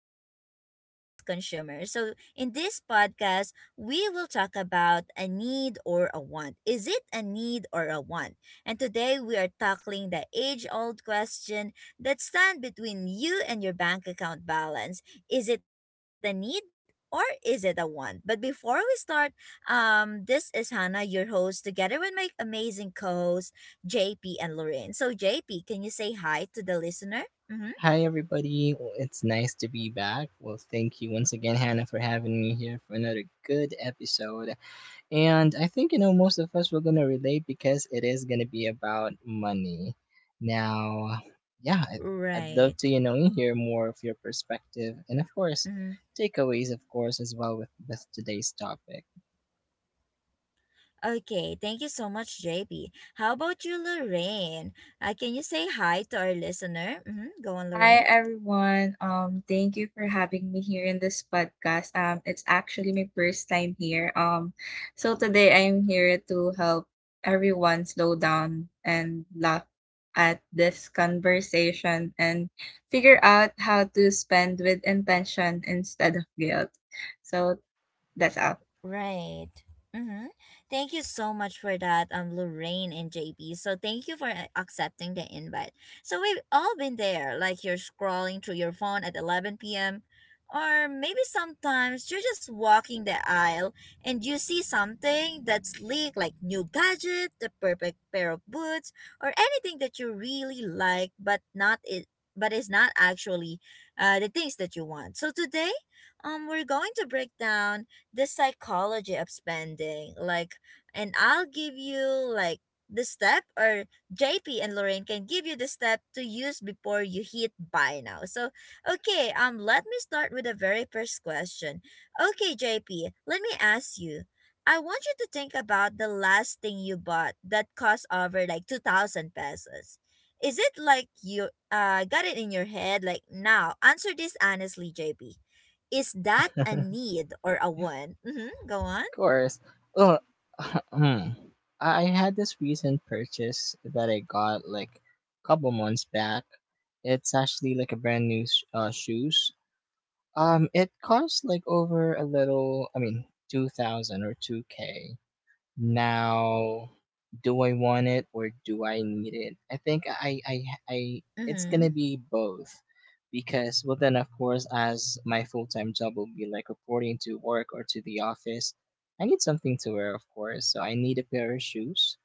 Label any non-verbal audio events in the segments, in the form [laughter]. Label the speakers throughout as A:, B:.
A: back to The Conscious Consumer. So, in this podcast, we will talk about a need or a want. Is it a need or a want? And today we are tackling the age-old question that stand between you and your bank account balance. Is it a need or is it a want? But before we start, this is Hannah, your host, together with my amazing co-hosts JP and Lorraine. So, JP, can you say hi to the listener? Mhm.
B: Hi, everybody. Well, it's nice to be back. Well, thank you once again, Hannah, for having me here for another good episode. And I think, you know, most of us were going to relate because it is going to be about money. Now, yeah, I'd love to,
A: Right.
B: you know, hear more of your perspective and, of course,
A: Mhm.
B: takeaways, of course, as well with today's topic.
A: Okay, thank you so much, JP. How about you, Lorraine? Can you say hi to our listener? Hmm, go on,
C: Hi
A: Lorraine.
C: everyone. Thank you for having me here in this podcast. It's actually my first time here. So today I'm here to help everyone slow down and laugh at this conversation and figure out how to spend with intention instead of guilt. So that's all.
A: Right. Mm-hmm. Thank you so much for that, Lorraine and JP. So thank you for accepting the invite. So we've all been there, like you're scrolling through your phone at 11 p.m. Or maybe sometimes you're just walking the aisle and you see something that's sleek, like new gadget, the perfect pair of boots, or anything that you really like, but not it, but is not actually the things that you want. So today, we're going to break down the psychology of spending. Like, and I'll give you like the step, or JP and Lorraine can give you the step to use before you hit buy now. So, okay, let me start with the very first question. Okay, JP, let me ask you. I want you to think about the last thing you bought that cost over like 2,000 pesos. Is it like you got it in your head like now? Answer this honestly, JP. Is that a need or a want? Mm-hmm. Go on.
B: Course. Well, [clears throat] I [laughs] I had this recent purchase that I got like a couple months back. It's actually like a brand new shoes. It costs like over a little. I mean, 2,000 or 2K. Now, do I want it or do I need it? I think I it's
A: Mm-hmm.
B: gonna be both, because well then of course as my full time job will be like reporting to work or to the office, I need something to wear of course. So I need a pair of shoes.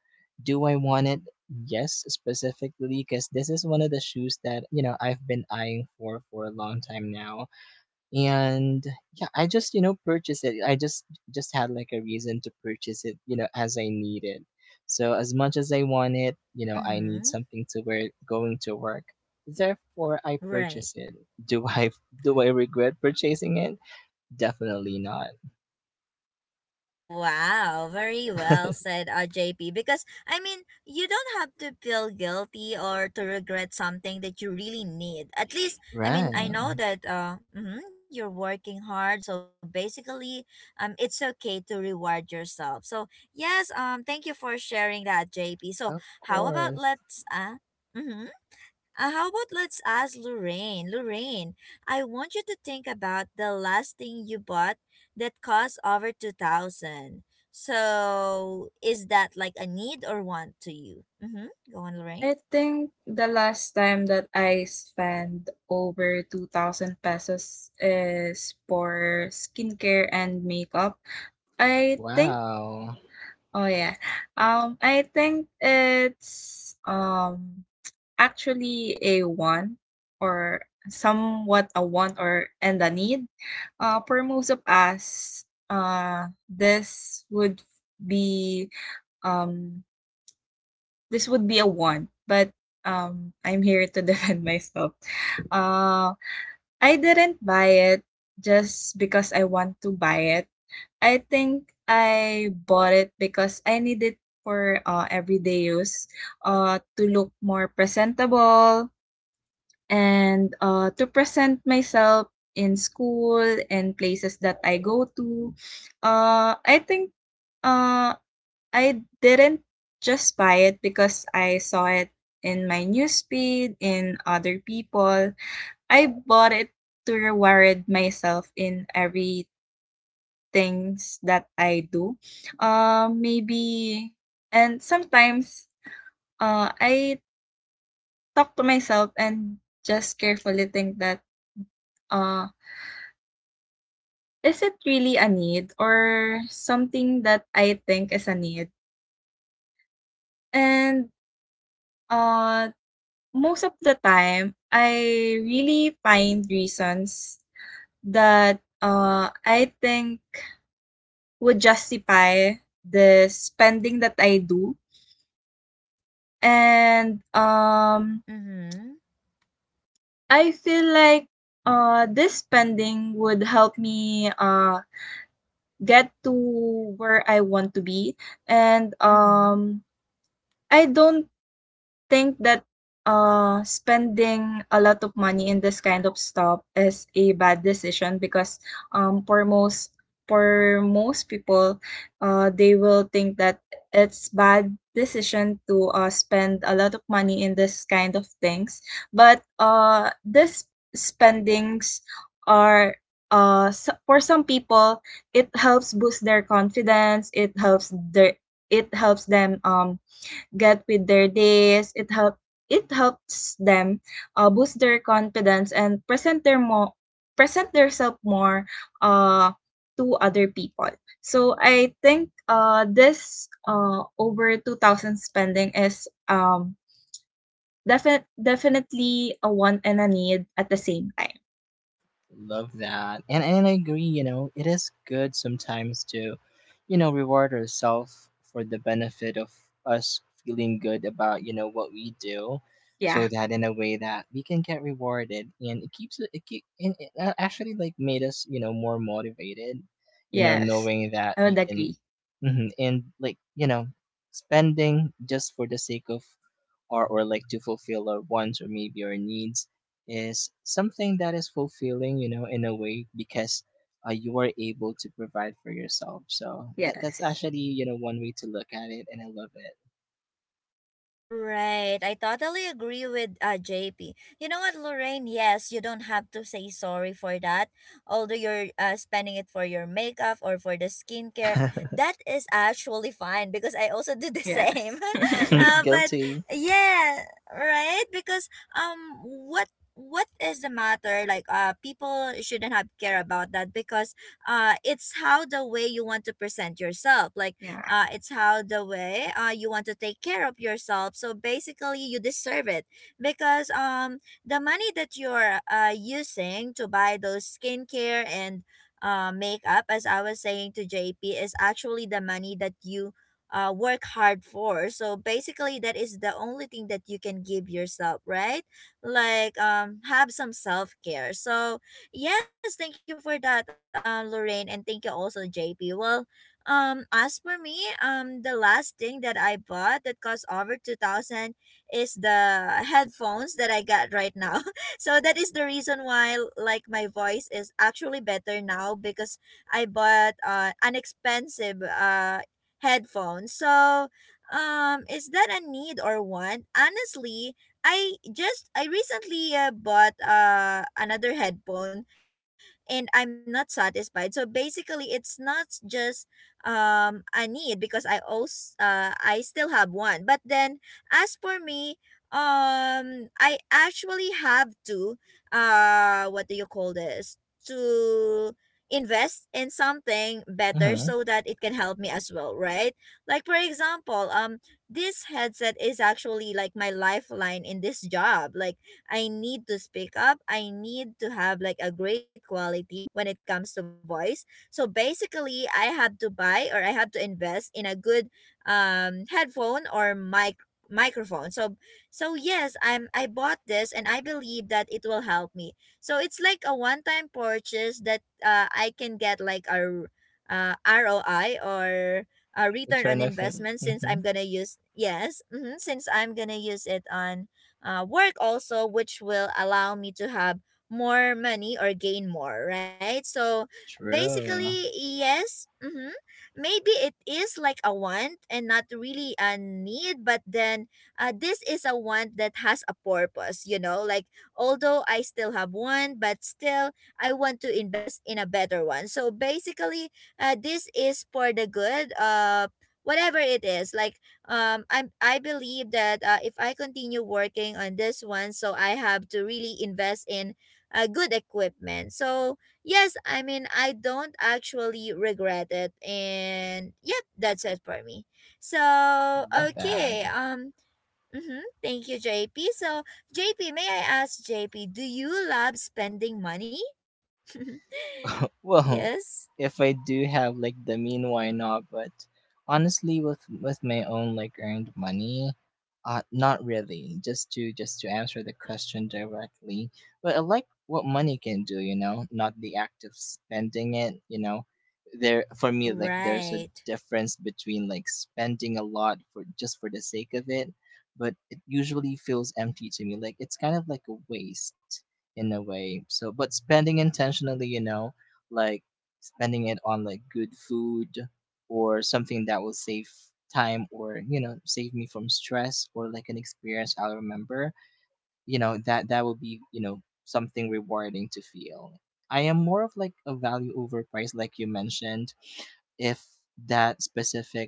B: Do I want it? Yes, specifically because this is one of the shoes that you know I've been eyeing for a long time now. And yeah, I just, you know, purchased it. I just had like a reason to purchase it, you know, as I need it. So as much as I want it, you know, I need
A: Mm-hmm.
B: something to wear going to work, therefore I
A: Right.
B: purchase it. Do I [laughs] do I regret purchasing it? Definitely not.
A: Wow, very well said, JP. Because, I mean, you don't have to feel guilty or to regret something that you really need. At least, I mean, I
B: Right.
A: know that you're working hard. So basically, it's okay to reward yourself. So, yes, thank you for sharing that, JP. So,
B: Of
A: how about
B: course.
A: let's. Uh, mm-hmm, how about let's ask Lorraine? Lorraine, I want you to think about the last thing you bought that cost over 2,000. So, is that like a need or want to you? Mhm. Go on,
C: I
A: Lorraine.
C: think the last time that I spent over 2,000 pesos is for skincare and makeup, I think.
B: Wow.
C: Oh yeah. I think it's actually a want, or somewhat a want or and a need. For most of us, be um this would be a want, but I'm here to [laughs] defend myself. Uh, I didn't buy it just because I want to buy it. I think I bought it because I need it for, everyday use, to look more presentable and, to present myself in school and places that I go to. I think, uh, I didn't just buy it because I saw it in my newsfeed, in other people. I bought it to reward myself in every things that I do. Maybe, and sometimes I talk to myself and just carefully think that, uh, is it really a need or something that I think is a need? And uh, most of the time, I really find reasons that, I think, would justify the spending that I do. And
A: Mhm.
C: I feel like this spending would help me get to where I want to be. and
A: Mhm.
C: um I don't think that spending a lot of money in this kind of stuff is a bad decision, because um for most for most people they will think that it's bad decision to spend a lot of money in this kind of things. But this spendings are, s for some people, it helps boost their confidence, it helps their, it helps them get with their days. It helps them, boost their confidence and present themselves more, uh, to other people. So I think, this, over 2,000 spending is definitely a want and a need at the same time.
B: Love that. And I agree, you know, it is good sometimes to, you know, reward ourselves for the benefit of us feeling good about, you know, what we do,
C: Yeah.
B: so that in a way that we can get rewarded, and it keeps it, it keep, and it actually like made us, you know, more motivated, you know,
C: Yes.
B: knowing that
C: I would
B: we can,
C: agree.
B: mhm, and like, you know, spending just for the sake of, or like to fulfill our wants or maybe our needs, is something that is fulfilling, you know, in a way, because you are able to provide for yourself. So that that's
C: Yes.
B: actually, you know, one way to look at it, and I
A: Right. I totally agree with JP. You know what, Lorraine? Yes, you don't have to say sorry for that. Although you're spending it for your makeup or for the skincare,
B: love
A: that is actually fine because I also do the [laughs]
C: Yes.
A: same. [laughs]
B: it.
C: [laughs]
B: [laughs]
A: But
B: Guilty.
A: yeah, right? Because what what is the matter like people shouldn't have care about that because it's how the way you want to present yourself like
C: Yeah.
A: it's how the way you want to take care of yourself, so basically you deserve it because the money that you're using to buy those skincare and makeup, as I was saying to JP, is actually the money that you work hard for. So basically, that is the only thing that you can give yourself, right? Like, have some self-care. So yes, thank you for that, Lorraine, and thank you also, JP. As for me, the last thing that I bought that cost over 2,000 is the headphones that I got right now. [laughs] So that is the reason why, like, my voice is actually better now because I bought an expensive headphone. So, is that a need or want? Honestly, I recently bought another headphone and I'm not satisfied. So basically, it's not just I need, because I also I still have one. But then as for me, I actually have to what do you call this? To invest in something better
B: Mm-hmm.
A: so that it can help me as well, right? Like for example, this headset is actually like my lifeline in this job. Like I need to speak up. I need to have like a great quality when it comes to voice, so basically, I have to buy or I have to invest in a good headphone or microphone. So so yes, I bought this and I believe that it will help me. So it's like a one-time purchase that I can get like a ROI or a return on
B: Return of.
A: investment, since
B: Mm-hmm.
A: I'm gonna use, yes, hmm, since I'm gonna use it on work also, which will allow me to have more money or gain more, right? So
B: True.
A: basically, yes. Mm-hmm. Maybe it is like a want and not really a need, but then this is a want that has a purpose, you know? Like, although I still have one, but still I want to invest in a better one. So basically, this is for the good. Whatever it is like I believe that if I continue working on this one, so I have to really invest in good equipment. So yes, I mean, I don't actually regret it. And yep, that's it for me. So,
B: Love that.
A: okay. Mm-hmm, Thank you, JP. So, JP, may I ask, JP, do you love spending money? [laughs] Yes.
B: Well, [laughs] if I do have like the mean, why not? But honestly, with my own like earned money, not really. Just to answer the question directly, but I like what money can do. You know, not the act of spending it. You know, there for me like there's a
A: Right.
B: difference between like spending a lot for just for the sake of it, but it usually feels empty to me. Like, it's kind of like a waste in a way. So, but spending intentionally, you know, like spending it on like good food or something that will save time, or you know, save me from stress, or like an experience I'll remember, you know, that that will be, you know, something rewarding to feel. I am more of like a value over price, like you mentioned. If that specific,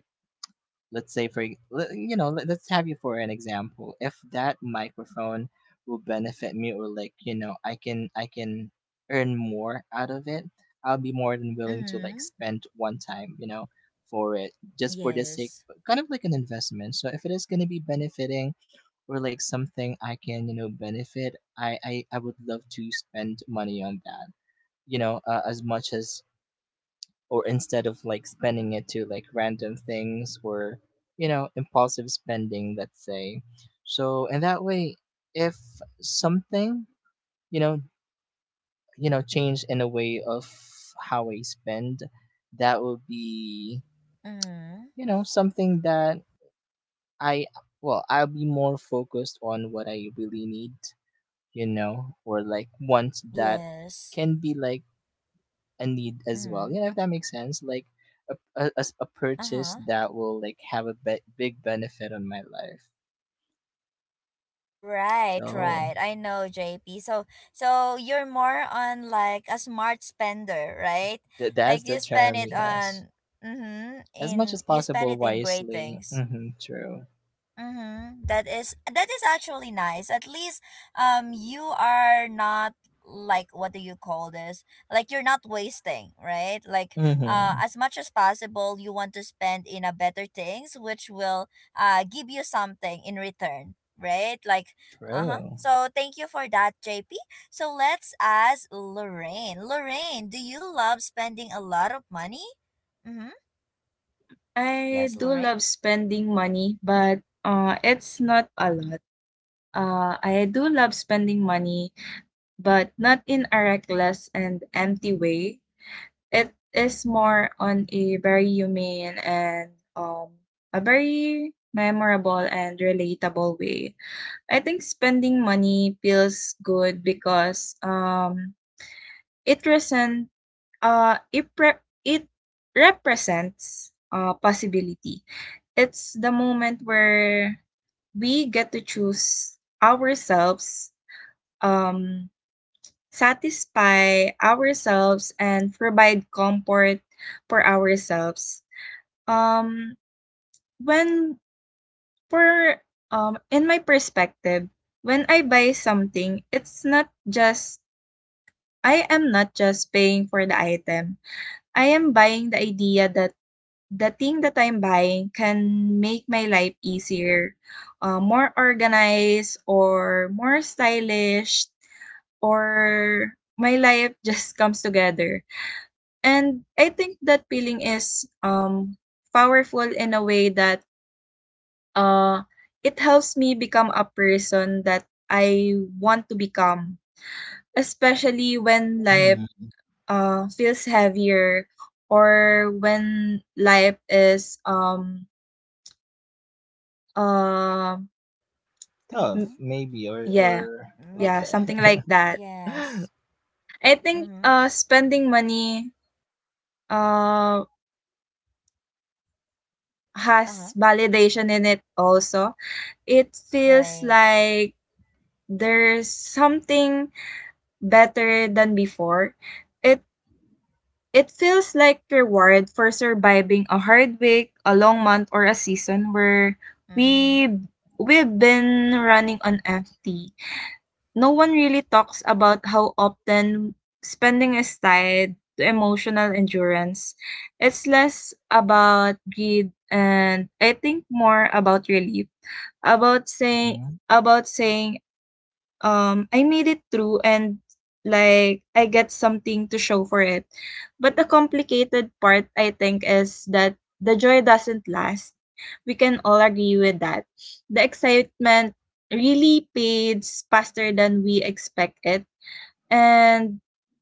B: let's say, for let's have you for an example. If that microphone will benefit me, or like, you know, I can earn more out of it, I'll be more than willing to
A: Mm-hmm.
B: like spend one time, you know, for it, just for the sake,
A: Yes.
B: kind of like an investment. So if it is going to be benefiting, or like something I can, you know, benefit, I would love to spend money on that, you know, as much as, or instead of like spending it to like random things, or, you know, impulsive spending, let's say. So in that way, if something, you know you know change in a way of how I spend, that will be,
A: Mm-hmm.
B: you know, something that I, well, I'll be more focused on what I really need, you know, or like wants that
A: Yes.
B: can be like a need as well.
A: Mm-hmm.
B: You know, if that makes sense, like a purchase
A: Uh-huh.
B: that will like have a big benefit on my life.
A: Right,
B: So
A: right. I know, JP. So, so you're more on like a smart spender, right?
B: that's
A: Like
B: the
A: you spend
B: term.
A: it
B: Yes,
A: on, mm-hmm,
B: as much
A: in
B: as
A: you spend
B: possible,
A: it in great
B: wisely.
A: things.
B: Mm-hmm, true.
A: Mm-hmm. That is actually nice. At least you are not like what do you call this? Like you're not wasting, right? Like
B: Mm-hmm,
A: as much as possible you want to spend in a better things which will give you something in return, right? Like uh-huh.
B: true.
A: So thank you for that, JP. So let's ask Lorraine. Lorraine, do you love spending a lot of money? Mm-hmm.
C: I
A: Yes,
C: do
A: Lorraine.
C: love spending money, but it's not a lot. I do love spending money, but not in a reckless and empty way. It is more on a very humane and um, a very memorable and relatable way. I think spending money feels good because, it resent, uh, it, pre- it represents, possibility. It's the moment where we get to choose ourselves, um, satisfy ourselves, and provide comfort for ourselves. Um, when for in my perspective, when I buy something, it's not just paying for the item. I am buying the idea that the thing that I'm buying can make my life easier, more organized, or more stylish, or my life [laughs] just comes together. And I think that feeling is, powerful in a way that, uh, it helps me become a person that I want to become, especially when life,
B: Mm.
C: feels heavier, or when life is um
A: Mm-hmm.
B: Tough,
C: M
B: maybe, or
C: yeah,
B: or
A: May-
C: yeah,
B: okay.
C: something like that.
A: Yes.
B: [laughs]
C: I think,
A: Mm-hmm.
C: spending money, uh,
A: Uh-huh.
C: has validation in it also. It feels
A: Right.
C: like there's something better than before. It it feels like reward for surviving a hard week, a long month, or a season where we
A: Mm-hmm.
C: we've been running on empty. No one really talks about how often spending is tied to emotional endurance. It's less about greed, and I think more about relief,
B: Mhm.
C: about saying, I made it through and like I get something to show for it. But the complicated part, I think, is that the joy doesn't last. We can all agree with that. The excitement really fades faster than we expect it. And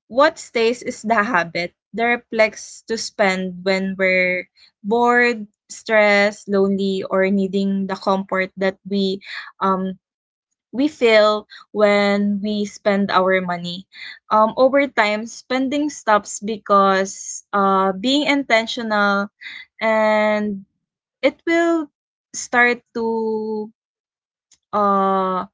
C: what stays is the habit, the reflex to spend when we're bored, stressed, lonely, or needing the comfort that um we feel when we spend our money. Over time, spending stops because, being intentional, and it will start to uh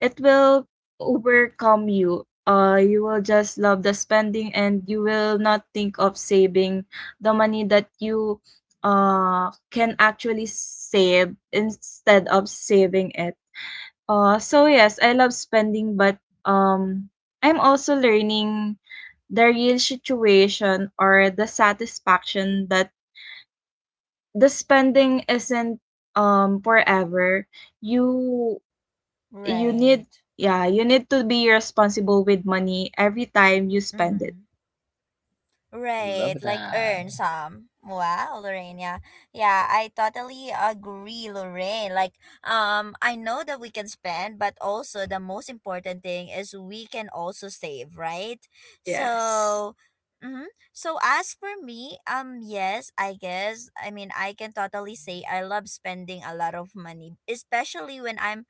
C: it will overcome you. You will just love the spending, and you will not think of saving the money that you can actually save instead of saving it. So yes, I love spending, but, um, I'm also learning the real situation, or the satisfaction, that the spending isn't forever. You you need
A: Right.
C: yeah you need, to be responsible with money every time you spend it.
A: Mm-hmm.
B: Love
A: Right, like
B: that.
A: earn some. Wow, Lorraine. Yeah, yeah, I totally agree, Lorraine. Like, I know that we can spend, but also the most important thing is we can also save, right?
C: Yes,
A: So, mm-hmm. So as for me, yes, I guess. I mean, I can totally say I love spending a lot of money, especially when I'm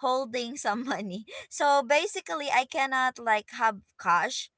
A: holding some [laughs] money. So basically, I cannot like have cash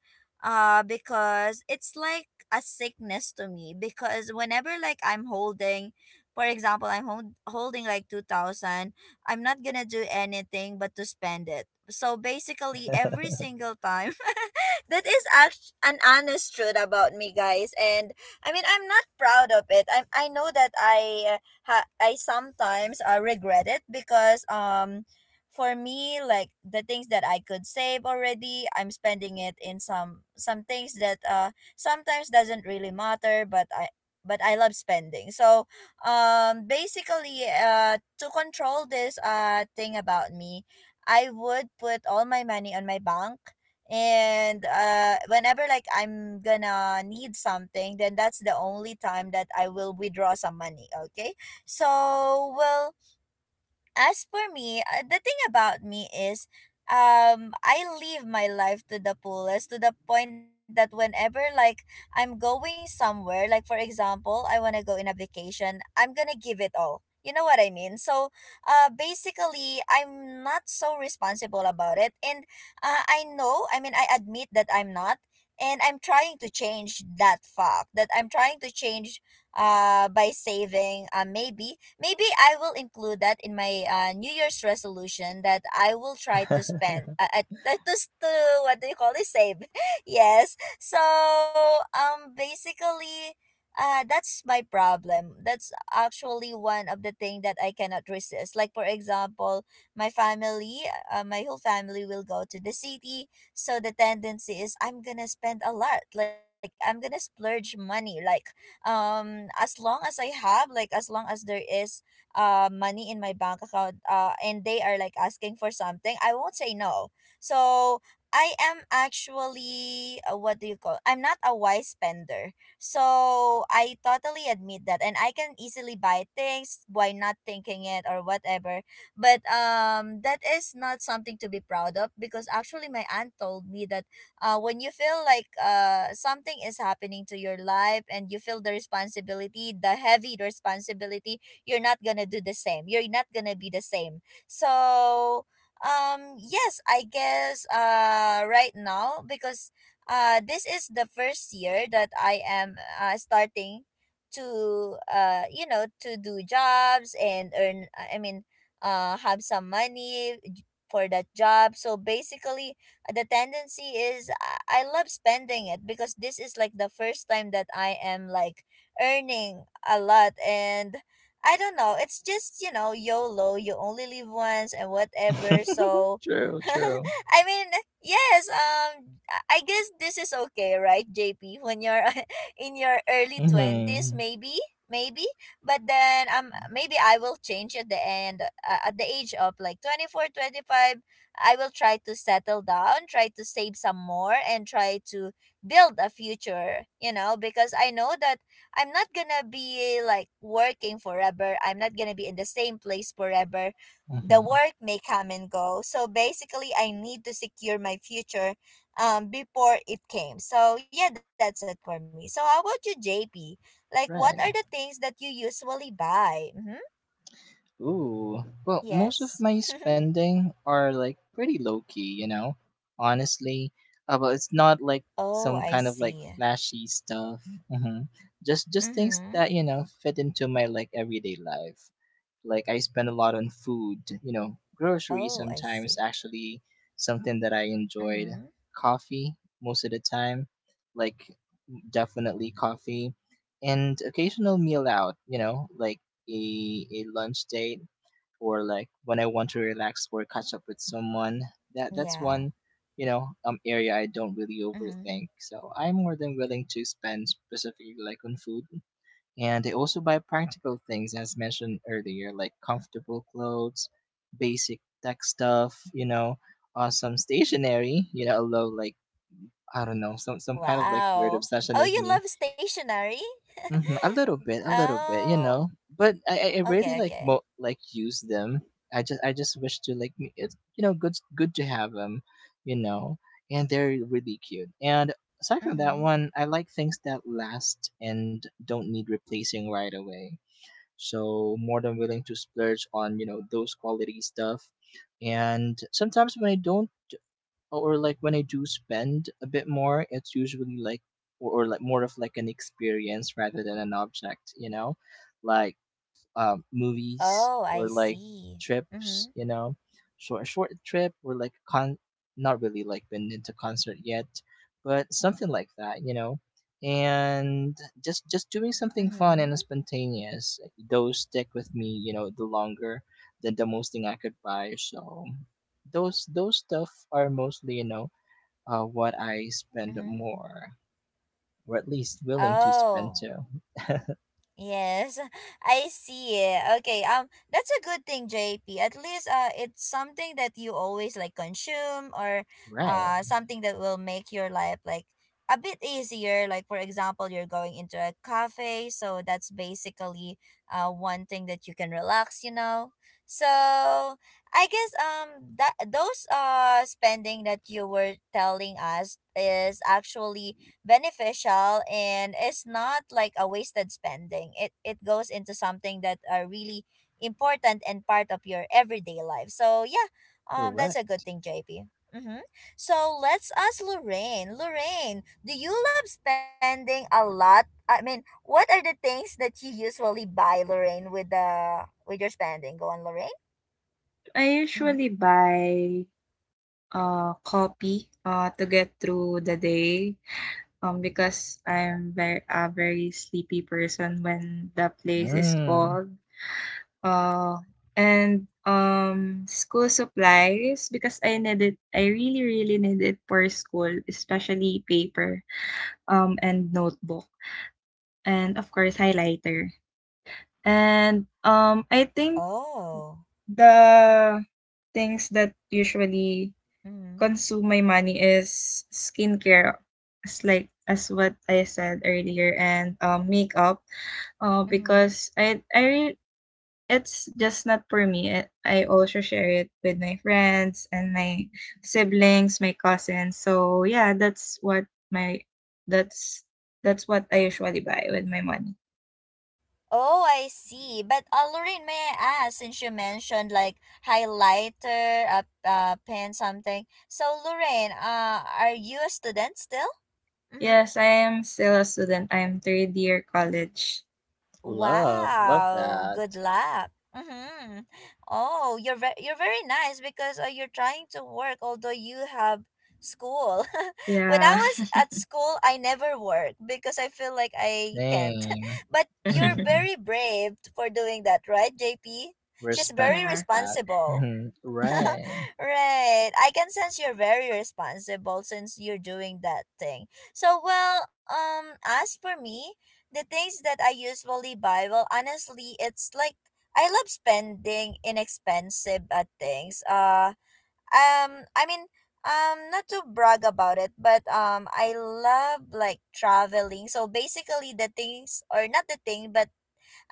A: because it's like a sickness to me, because whenever like I'm holding, for example, holding like 2,000, I'm not gonna do anything but to spend it. So basically, every
B: [laughs]
A: single time [laughs] an honest truth about me, guys. And I mean, I'm not proud of it. I, know that I sometimes regret it because for me, like the things that I could save already, I'm spending it in some things that sometimes doesn't really matter, but I love spending. So basically, to control this thing about me, I would put all my money on my bank, and whenever like I'm gonna need something, then that's the only time that I will withdraw some money, okay? So well, as for me, the thing about me is, I live my life to the fullest to the point that whenever like I'm going somewhere, like for example, I want to go in a vacation, I'm going to give it all. You know what I mean? So, basically I'm not so responsible about it. And I know, I mean I admit that I'm not, and I'm trying to change that, fact that I'm trying to change by saving. Maybe I will include that in my New Year's resolution, that I will try to spend at to s- to what do you call it, save. [laughs] Yes. So basically, that's my problem. That's actually one of the thing that I cannot resist. Like for example, my family, my whole family will go to the city, so the tendency is I'm gonna spend a lot, like I'm gonna splurge money. Like as long as I have, like as long as there is money in my bank account, and they are like asking for something, I won't say no. So I am actually what do you call, I'm not a wise spender. So I totally admit that, and I can easily buy things by not thinking it or whatever. But that is not something to be proud of, because actually my aunt told me that when you feel like something is happening to your life and you feel the responsibility, the heavy responsibility, you're not gonna do the same. You're not gonna be the same. So, yes, I guess right now because this is the first year that I am starting to to do jobs and earn I mean have some money for that job. So basically the tendency is I love spending it because this is like the first time that I am like earning a lot. And I don't know. It's just, YOLO, you only live once and whatever. So [laughs]
B: True, true.
A: I mean, yes, I guess this is okay, right, JP? When you're [laughs] in your early 20s
B: Mm-hmm,
A: maybe, maybe. But then maybe I will change at the end at the age of like 24 25. I will try to settle down, try to save some more, and try to build a future, you know, because I know that I'm not gonna be like working forever. I'm not gonna be in the same place forever. The
B: mm-hmm.
A: work may come and go. So basically, I need to secure my future before it came. So, yeah, that's it for me. So, how about you, JP? Like, what are the things
B: Right.
A: that you usually buy? Mm-hmm.
B: Ooh, well, most
A: Yes.
B: of my spending are like pretty low key, you know, honestly. But it's not like
A: [laughs] Oh,
B: some
A: I
B: kind of like
A: see.
B: flashy stuff. hmm
A: Mm
B: just
A: hmm.
B: things that you know fit into my like everyday life. Like, I spend a lot on food, you know,
A: Oh,
B: groceries
A: I see.
B: sometimes, actually something that I enjoyed.
A: Mm-hmm.
B: Coffee most of the time, like, definitely coffee and occasional meal out, you know, like a lunch date, or like when I want to relax or catch up with someone. That that's
A: Yeah.
B: one, you know, area I don't really
A: Mm-hmm.
B: overthink. So I'm more than willing to spend specifically like on food, and they also buy practical things, as mentioned earlier, like comfortable clothes, basic tech stuff, you know, some stationery, you know, although, like, I don't know, some kind of like weird
A: Wow.
B: obsession
A: Oh,
B: of
A: you
B: me.
A: love stationery?
B: A little bit, a little bit, you
A: Oh.
B: know, but I
A: Okay,
B: really like,
A: okay.
B: use them. I just wish to like, it's, you know, good, good to have them, you know, and they're really cute. And aside from that
A: Mm-hmm.
B: one, I like things that last and don't need replacing right away, so more than willing to splurge on, you know, those quality stuff. And sometimes when I don't, or like when I do spend a bit more, it's usually like, or like more of like an experience rather than an object, you know, like,
A: Oh,
B: movies,
A: I
B: or like
A: see. Mm-hmm.
B: trips, you know, short trip or like con. Not really like been into concert yet, but something like that, you know, and just doing something fun
A: Mm-hmm.
B: and spontaneous. Those stick with me, you know, the longer than the most thing I could buy. So those stuff are mostly, you know, what I spend
A: Mm-hmm.
B: more, or at least willing to spend
A: Oh.
B: to.
A: Yes, [laughs] I see. Okay, that's a good thing, JP. At least it's something that you always like consume or
B: Right.
A: something that will make your life like a bit easier. Like for example, you're going into a cafe, so that's basically one thing that you can relax. You know, so I guess that those spending that you were telling us is actually beneficial, and it's not like a wasted spending. It goes into something that are really important and part of your everyday life. So yeah, that's a
B: Correct.
A: good thing, JP. Mm-hmm. So let's ask Lorraine. Lorraine, do you love spending a lot? I mean, what are the things that you usually buy, Lorraine, with the with your spending? Go on, Lorraine.
C: I usually
A: Mm-hmm.
C: buy coffee to get through the day, because I'm very a very sleepy person when the place is
B: Mm.
C: cold. Uh and school supplies, because I really really need it for school, especially paper, and notebook, and of course highlighter. And I think
A: Oh.
C: the things that usually
A: Mm-hmm.
C: consume my money is skincare, as like as what I said earlier, and makeup. Oh,
A: Mm-hmm.
C: because I really it's just not for me. I also share it with my friends and my siblings, my cousins. So yeah, that's what my that's that's what I usually buy with my money.
A: Oh, I see. But Lorraine, may I ask, since you mentioned like highlighter, a pen, something. So, Lorraine, are you a student still? Mm-hmm.
C: Yes, I am still a student. I am third year college.
B: Love, love
A: Wow, good
B: that.
A: luck. Mm-hmm. Oh, you're very nice because you're trying to work although you have school. [laughs] When I
C: Yeah.
A: was at school, I never worked because I feel like I can't.
B: Same.
A: [laughs] But you're
C: [laughs]
B: Mm-hmm.
A: very brave for doing that, right, JP? She's very
B: Respect
C: Yeah.
B: that.
A: responsible.
B: Mm-hmm. Right.
A: [laughs] Right. I can sense you're very responsible since you're doing that thing. So, well, as for me, the things that I usually buy, well, honestly, it's like I love spending inexpensive at things. Um, I mean, not to brag about it, but I love like traveling. So basically, the things or not the thing, but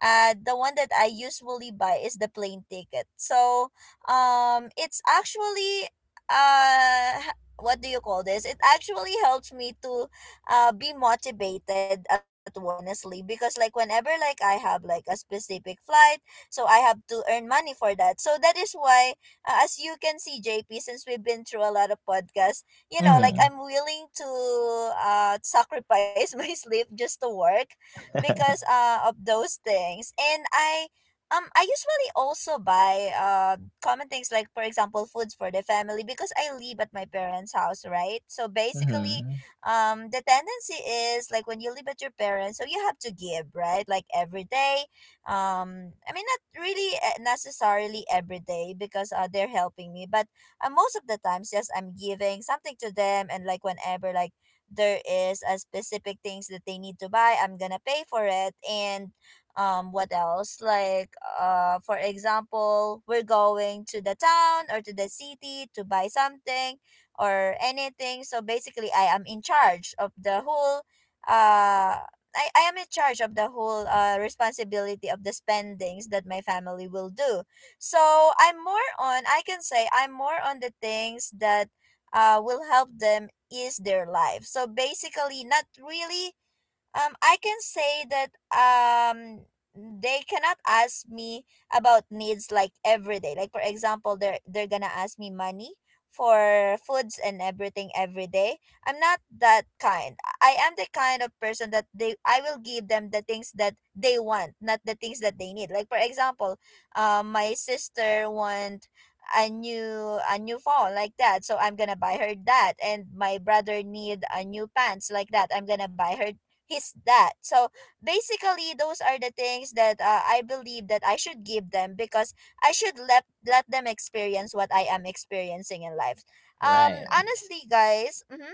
A: the one that I usually buy is the plane ticket. So it's actually uh, h- what do you call this? It actually helps me to be motivated at work, honestly, because like whenever like I have like a specific flight, so I have to earn money for that. So that is why, as you can see, JP, since we've been through a lot of podcasts, you know, like I'm
B: Mm-hmm.
A: willing to sacrifice [laughs] my sleep just to work because of those things. And I usually also buy common things, like for example foods for the family, because I live at my parents' house, right? So
B: [laughs]
A: basically
B: Mm-hmm.
A: the tendency is like when you live at your parents, so you have to give, right? Like every day. I mean not really eh, necessarily every day because they're helping me, but most of the times, yes, I'm giving something to them. And like whenever like there is a specific things that they need to buy, I'm gonna pay for it. And what else like for example, we're going to the town or to the city to buy something or anything. So basically, I am in charge of the whole uh I am in charge of the whole responsibility of the spendings that my family will do. So I'm more on, I can say, I'm more on the things that will help them is their life. So basically, not really I can say that they cannot ask me about needs like every day. Like for example, they're gonna ask me money for foods and everything every day. I'm not that kind. I am the kind of person that they I will give them the things that they want, not the things that they need. Like for example, my sister want a new phone like that, so I'm gonna buy her that. And my brother need a new pants like that, I'm gonna buy her his that. So basically, those are the things that I believe that I should give them, because I should let them experience what I am experiencing in life.
B: Right.
A: Honestly, guys. Mhm,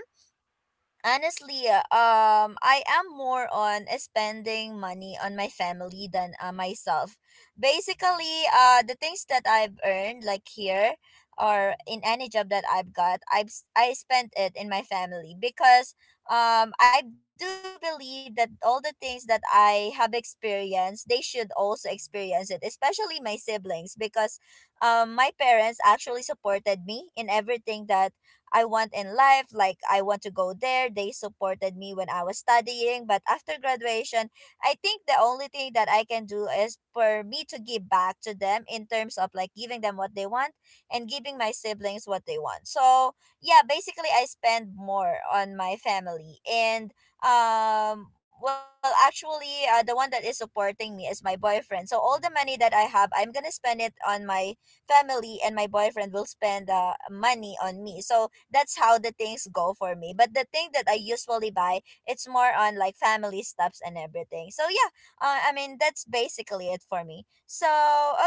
A: honestly, I am more on spending money on my family than myself. Basically, the things that I've earned, like here or in any job that I've got, I spent it in my family because I do believe that all the things that I have experienced, they should also experience it, especially my siblings, because my parents actually supported me in everything that I want in life. Like, I want to go there. They supported me when I was studying. But after graduation, I think the only thing that I can do is for me to give back to them, in terms of like giving them what they want and giving my siblings what they want. So, yeah, basically, I spend more on my family. And actually the one that is supporting me is my boyfriend, so all the money that I have, I'm gonna spend it on my family, and my boyfriend will spend money on me. So that's how the things go for me. But the thing that I usually buy, it's more on like family stuffs and everything. So yeah, that's basically it for me. So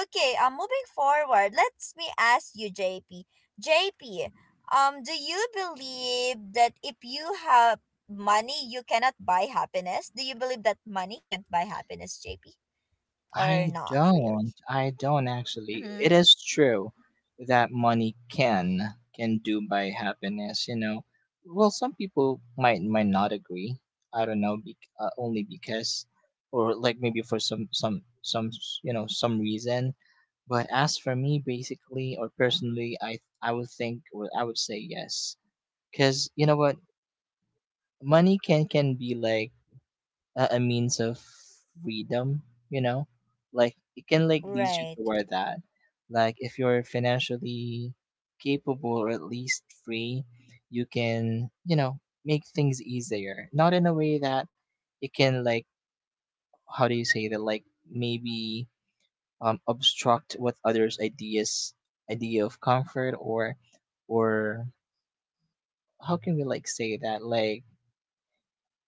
A: okay, moving forward, let us me ask you, JP. JP, do you believe that if you have money, you cannot buy happiness? Do you believe that money can't buy happiness, JP, or
B: I
A: not really?
B: don't. I don't actually.
A: Mm-hmm.
B: It is true that money can do by happiness. You know, well, some people might not agree. I don't know, bec only because, or like maybe for you know some reason. But as for me, basically or personally, I would think, or I would say yes, because you know what, money can be like a means of freedom, you know, like it can like lead you
A: Right.
B: toward that, like if you're financially capable, or at least free, you can, you know, make things easier. Not in a way that it can like, how do you say that, like, maybe obstruct what others idea of comfort, or how can we like say that, like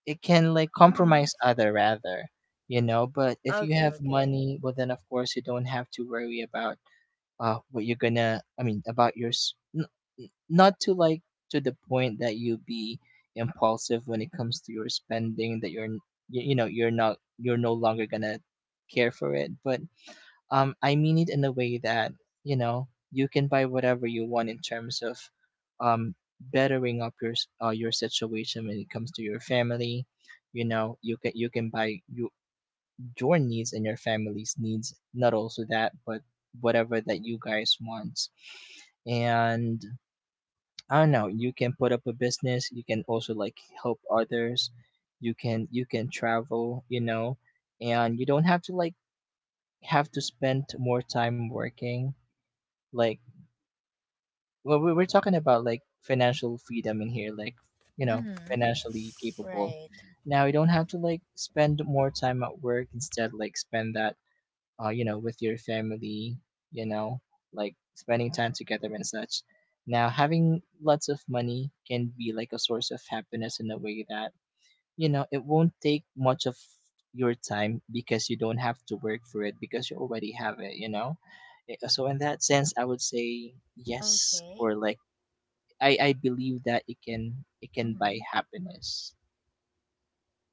B: it can like
A: Mm-hmm.
B: compromise other rather, you know. But if you
A: Okay,
B: have
A: okay.
B: money, well then of course you don't have to worry about what you're gonna, I mean, about your s- n- n- not to like, to the point that you be impulsive when it comes to your spending, that you know, you're not, you're no longer gonna care for it. But I mean it in a way that, you know, you can buy whatever you want in terms of um bettering up your situation when it comes to your family. You know, you can buy your needs and your family's needs, not also that, but whatever that you guys want. And I don't know, you can put up a business, you can also like help others, you can travel, you know. And you don't have to spend more time working, like, well, we're talking about like financial freedom in here, like, you know,
A: Mm-hmm.
B: financially capable.
A: Right.
B: Now you don't have to like spend more time at work, instead like spend that, you know, with your family, you know, like spending time together and such. Now having lots of money can be like a source of happiness in a way that, you know, it won't take much of your time, because you don't have to work for it, because you already have it, you know. So in that sense, I would say yes, or
A: Okay.
B: like I believe that it can buy
A: Mm-hmm.
B: happiness.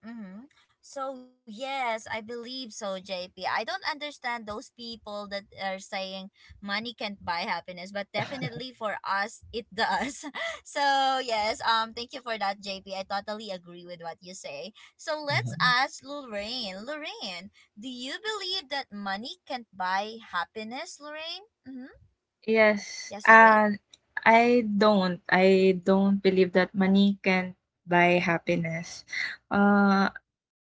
A: Mm-hmm. So yes, I believe so, JP. I don't understand those people that are saying money can't buy happiness, but definitely for us it does. [laughs] So yes, thank you for that, JP. I totally agree with what you say. So let's
B: Hmm.
A: ask Lorraine. Lorraine, do you believe that money can't buy happiness, Lorraine? Mm-hmm.
C: Yes.
A: Yes, Lorraine?
C: I don't. I don't believe that money can buy happiness. Uh,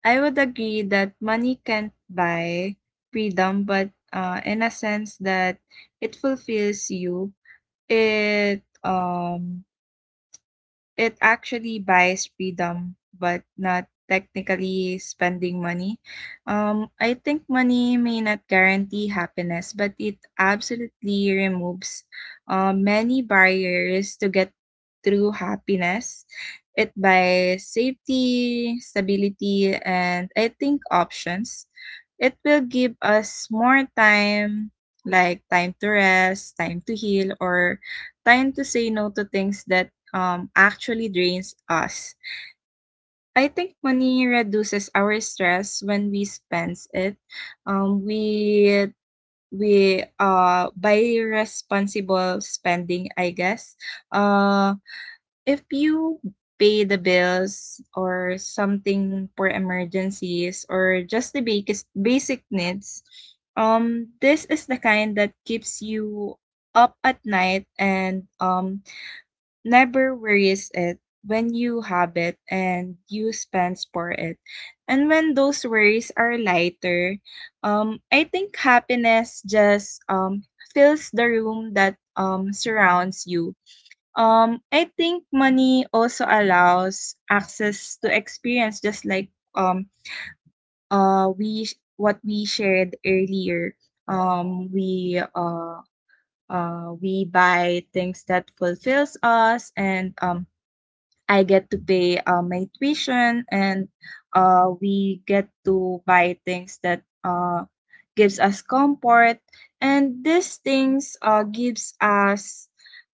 C: I would agree that money can't buy freedom, but in a sense that it fulfills you. It um it actually buys freedom, but not technically spending money. I think money may not guarantee happiness, but it absolutely removes, many barriers to get through happiness. It buys safety, stability, and I think options. It will give us more time, like time to rest, time to heal, or time to say no to things that, actually drains us. I think money reduces our stress when we spend it. Um, we we By responsible spending, I guess. Uh, if you pay the bills or something for emergencies or just the basic needs, this is the kind that keeps you up at night and never worries it when you have it and you spends for it. And when those worries are lighter, I think happiness just fills the room that surrounds you. I think money also allows access to experience, just like we what we shared earlier. Um, we uh we buy things that fulfills us, and I get to pay, my tuition, and, we get to buy things that, gives us comfort, and these things, gives us,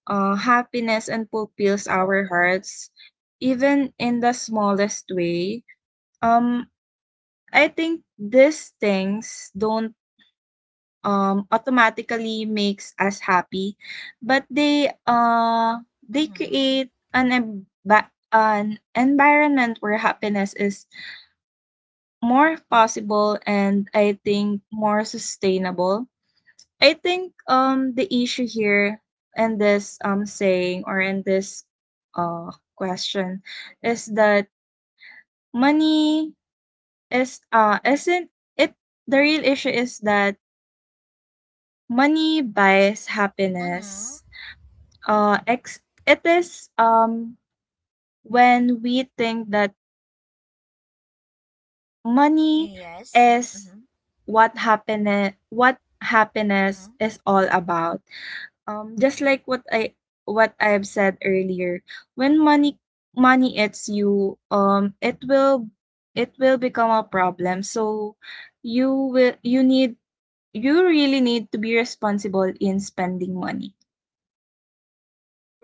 C: happiness, and fulfills our hearts, even in the smallest way. Um, I think these things don't, automatically makes us happy, but they
A: Mm-hmm.
C: create an an environment where happiness is more possible and I think more sustainable. I think the issue here, in this saying, or in this question, is that money is isn't it the real issue is that money buys happiness.
A: Mm-hmm.
C: It is, when we think that money
A: Yes.
C: is
A: Mm-hmm.
C: what happiness
A: Mm-hmm.
C: is all about. Just like what I have said earlier, when money hits you, it will become a problem. So you will you need you really need to be responsible in spending money.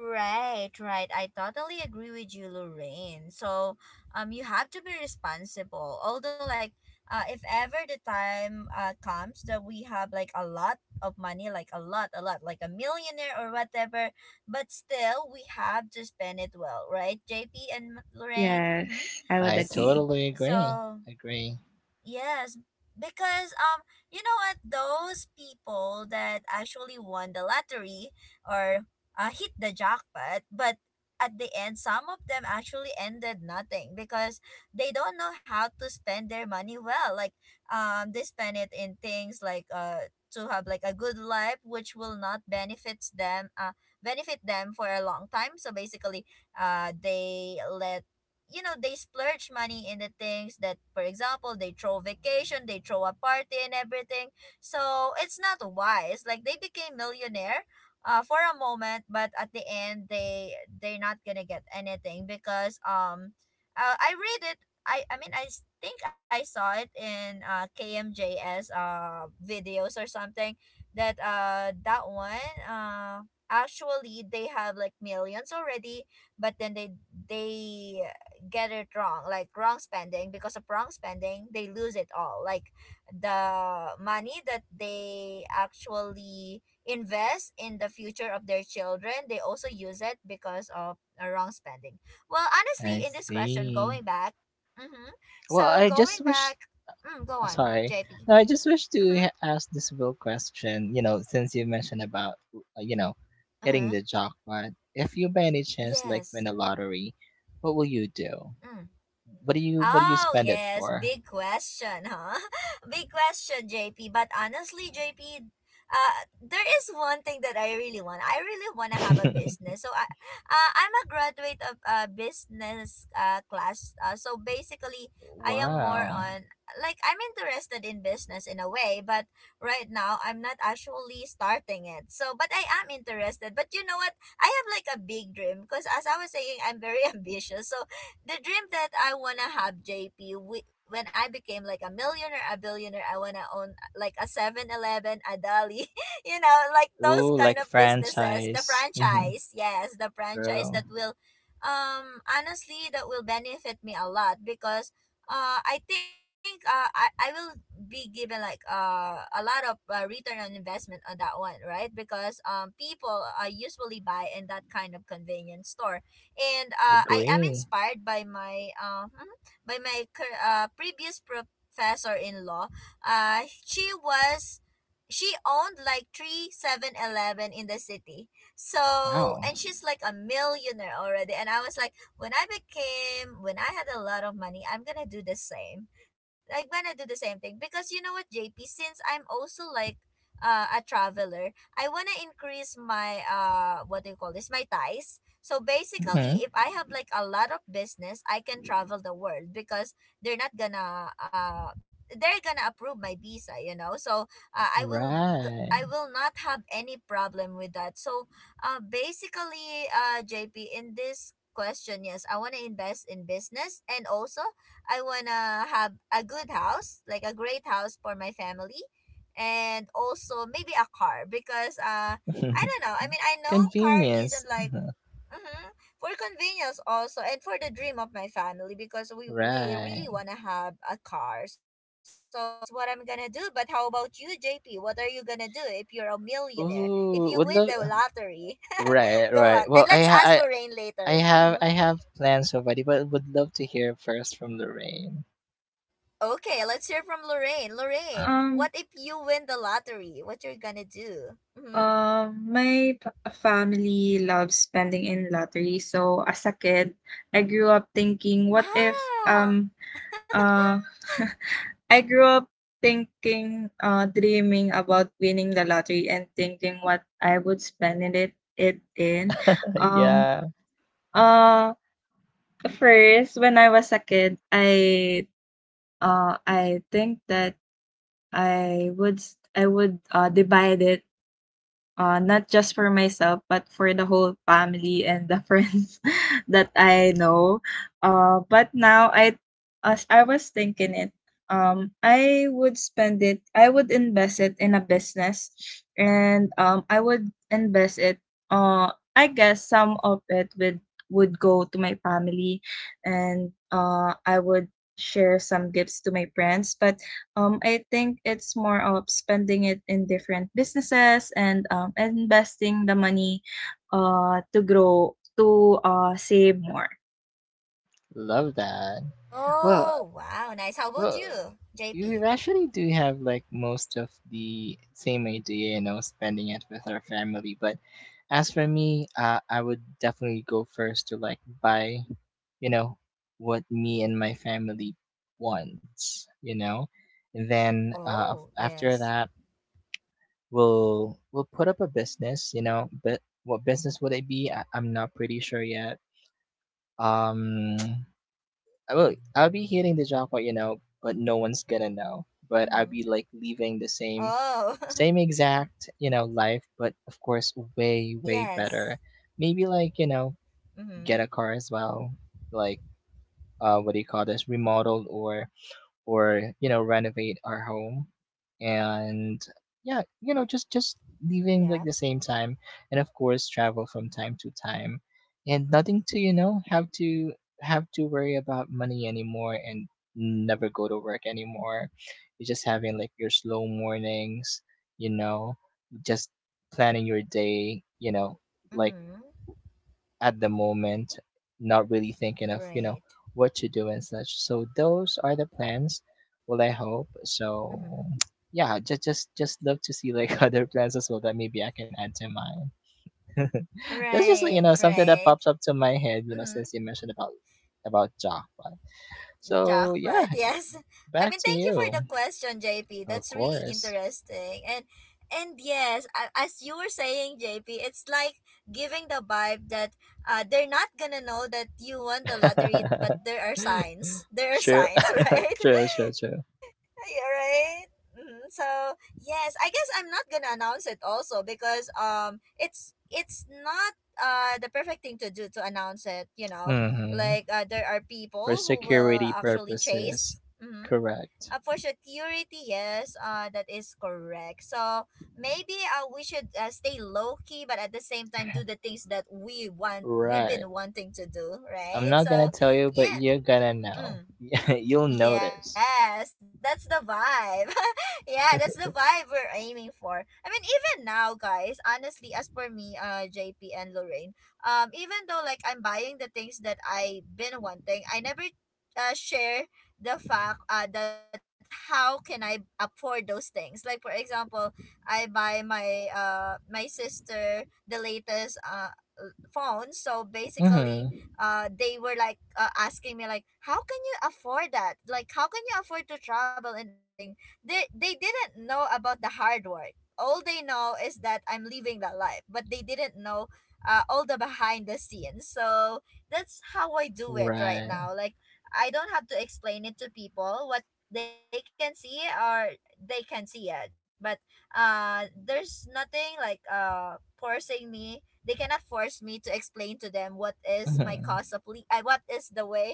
A: Right, right. I totally agree with you, Lorraine. So, you have to be responsible. Although, like, if ever the time comes that we have like a lot of money, like a lot, like a millionaire or whatever, but still we have to spend it well, right, JP and Lorraine? Mm-hmm.
C: Yes, I would
B: I
C: agree.
B: totally agree.
A: So.
B: Agree.
A: Yes, because you know what? Those people that actually won the lottery or hit the jackpot, but at the end, some of them actually ended nothing because they don't know how to spend their money well. Like they spend it in things like to have like a good life, which will not benefit them for a long time. So basically, they let you know they splurge money in the things that, for example, they throw vacation, they throw a party, and everything. So it's not wise. Like they became millionaire for a moment, but at the end, they're not gonna get anything, because I read it. I mean, think I saw it in KMJS videos or something, that that one actually they have like millions already, but then they get it wrong. Like wrong spending, because of wrong spending they lose it all. Like the money that they actually invest in the future of their children, they also use it because of a wrong spending. Well
B: I
A: honestly, in this question,
B: see.
A: going back, mm-hmm,
B: Well,
A: so
B: I just
A: going
B: wish.
A: back, mm, go on
B: Sorry.
A: JP.
B: No, I just wish to
A: Mm-hmm,
B: ask this real question, you know, since you mentioned about, you know, hitting
A: uh-huh,
B: the jackpot. If you by any chance like
A: yes.
B: win a lottery, what will you do?
A: Mm.
B: What do you
A: Oh,
B: spend it
A: yes,
B: for?
A: big question, huh? [laughs] Big question, JP. But honestly, JP, there is one thing that I really want. I really want to have a
B: [laughs]
A: business. So I, I'm a graduate of business class. So basically, I am more
B: Wow.
A: on like I'm interested in business in a way, but right now I'm not actually starting it. So, but I am interested. But you know what? I have like a big dream because as I was saying, I'm very [laughs] ambitious. So the dream that I wanna have, JP, when I became like a millionaire, a billionaire, I wanna own like a 7-Eleven, a Dali, [laughs] like
B: Ooh,
A: those
B: like
A: kind of businesses, the
B: franchise. Mm-hmm.
A: franchise, yes, the franchise
B: True.
A: that will, honestly, that will benefit me a lot because, I think, I will be given like, a lot of return on investment on that one, right? Because, people usually buy in that kind of convenience store and I am
B: Agree.
A: inspired by my by my previous professor in law. Uh, she was she owned like 3 7-Elevens in the city. So
B: Wow.
A: and she's like a millionaire already. And I was like, when I had a lot of money, I'm gonna do the same. Like when I do the same thing because you know what, JP, since I'm also like a traveler, I wanna increase my what do you call this my ties, so
B: Mm-hmm.
A: basically, if I have like a lot of business, I can travel the world because they're not gonna they're gonna approve my visa, you know. So I will d-
B: Right.
A: I will not have any problem with that. So JP, in this question, yes, I want to invest in business and also I want to have a good house, like a great house for my family and also maybe a car because I
B: [laughs]
A: don't know. I mean, I know car
B: Convenience.
A: isn't like
B: Mhm.
A: Mm-hmm. For convenience also and for the dream of my family because we really
B: Right.
A: want to have a car. So, yes, that's what I'm going to do. But how about you, JP? What are you going to do if you're a millionaire? If
B: Ooh,
A: you
B: would
A: win
B: love.
A: the lottery? [laughs]
B: Right,
A: Go on.
B: right. Well,
A: And
B: I
A: let's
B: ha-
A: ask
B: I
A: Lorraine
B: I
A: later.
B: have
A: Mm-hmm.
B: plans already, but would love to hear first from Lorraine. [laughs]
A: Okay, let's hear from Lorraine. Lorraine,
C: Um,
A: what if you win the lottery? What you're going to do? Mm-hmm.
C: my family loves spending in lottery. So as a kid, I grew up thinking, what if
A: Ah.
C: uh [laughs] I grew up thinking, dreaming about winning the lottery and thinking what I would spend in it it in.
B: Uh,
C: Um,
B: yeah,
C: uh, first when I was a kid, I think that I would s- I would divide it not just for myself but for the whole family and the [laughs] friends that I know. But now I, as I was thinking it, I would spend it. I would invest it in a business, and, I would invest it. I guess some of it would go to my family, and, I would share some gifts to my friends, but, I think it's more of spending it in different businesses and, investing the money, to grow, to, save more.
B: Love that. Well,
A: Oh, wow. Nice. How about
B: well,
A: you, JP?
B: you actually do have like most of the same idea, you know, spending it with our family. But as for me, I would definitely go first to like buy, you know, what me and my family wants, you know. And
A: Oh,
B: then uh,
A: yes.
B: af- after that, will put up a business, you know, but what business would it be? I'm not pretty sure yet. um I'll be hitting the jackpot, you know, but no one's gonna know.
A: Mm-hmm.
B: But I'll be like leaving the
A: Oh, [laughs]
B: same, same exact, you know, life, but of course way
A: yes.
B: better. Maybe, like, you know,
A: Mm-hmm.
B: get a car as well, like, uh, what do you call this, remodeled or, you know, renovate our home. And yeah, you know, just
A: Yep.
B: leaving like the same time, and of course travel from time to time, and nothing to, you know, have to worry about money anymore, and never go to work anymore. You're just having like your slow mornings, you know, just planning your day, you know, like,
A: Mm-hmm.
B: at the moment, not really thinking of, you know,
A: Right.
B: what to do and such. So those are the plans. Well, I hope.
A: Mm-hmm.
B: So [tsk] yeah, just love to see like [laughs] other plans as well that maybe I can add to mine. [laughs] That's just,
A: Right,
B: you know, something that
A: right.
B: pops up to my head, you know,
A: Mm-hmm.
B: since you mentioned about Java. So
A: Jackpot,
B: yeah,
A: [laughs] yes. I mean,
B: back
A: thank
B: to
A: you for the
B: you.
A: question, JP. That's
B: Of
A: really
B: course.
A: interesting. And yes, as you were saying, JP, it's like giving the vibe that they're not gonna know that you won the
B: [laughs]
A: lottery, but there are signs. There are
B: True.
A: signs, [laughs] right?
B: [laughs] True, true, true.
A: Yeah, right. Mhm. So yes, I guess I'm not gonna announce it also because it's not the perfect thing to do to announce it. You know, like
B: Hmm.
A: there are people
B: For
A: who will
B: security
A: actually
B: purposes.
A: chase. Mm-hmm.
B: Correct.
A: For security, yes, that is correct. So maybe we should stay low key but at the same time
B: [laughs]
A: do the things that we want,
B: Right.
A: we've been wanting to do,
B: I'm not gonna
A: right?
B: tell
A: So
B: you, but you're
A: yeah,
B: gonna know.
A: mm.
B: [laughs] You'll notice.
A: Yes, that's the vibe. [laughs] Yeah, that's the vibe we're aiming for. I mean, even now, guys, honestly, as for me, JP and Lorraine, even though like I'm buying the things that I've been wanting, I never share the fact that how can I afford those things. Like for example, I buy my my sister the latest phone, so
B: Mm-hmm.
A: basically they were like asking me like how can you afford that, like how can you afford to travel and everything. They didn't know about the hard work. All they know is that I'm living that life, but they didn't know all the behind the scenes. So that's how I do it right
B: Right.
A: now. Like I don't have to explain it to people what they can see, or they can see it, but there's nothing like forcing me. They cannot force me to explain to them what is my
B: Mm-hmm.
A: what is the way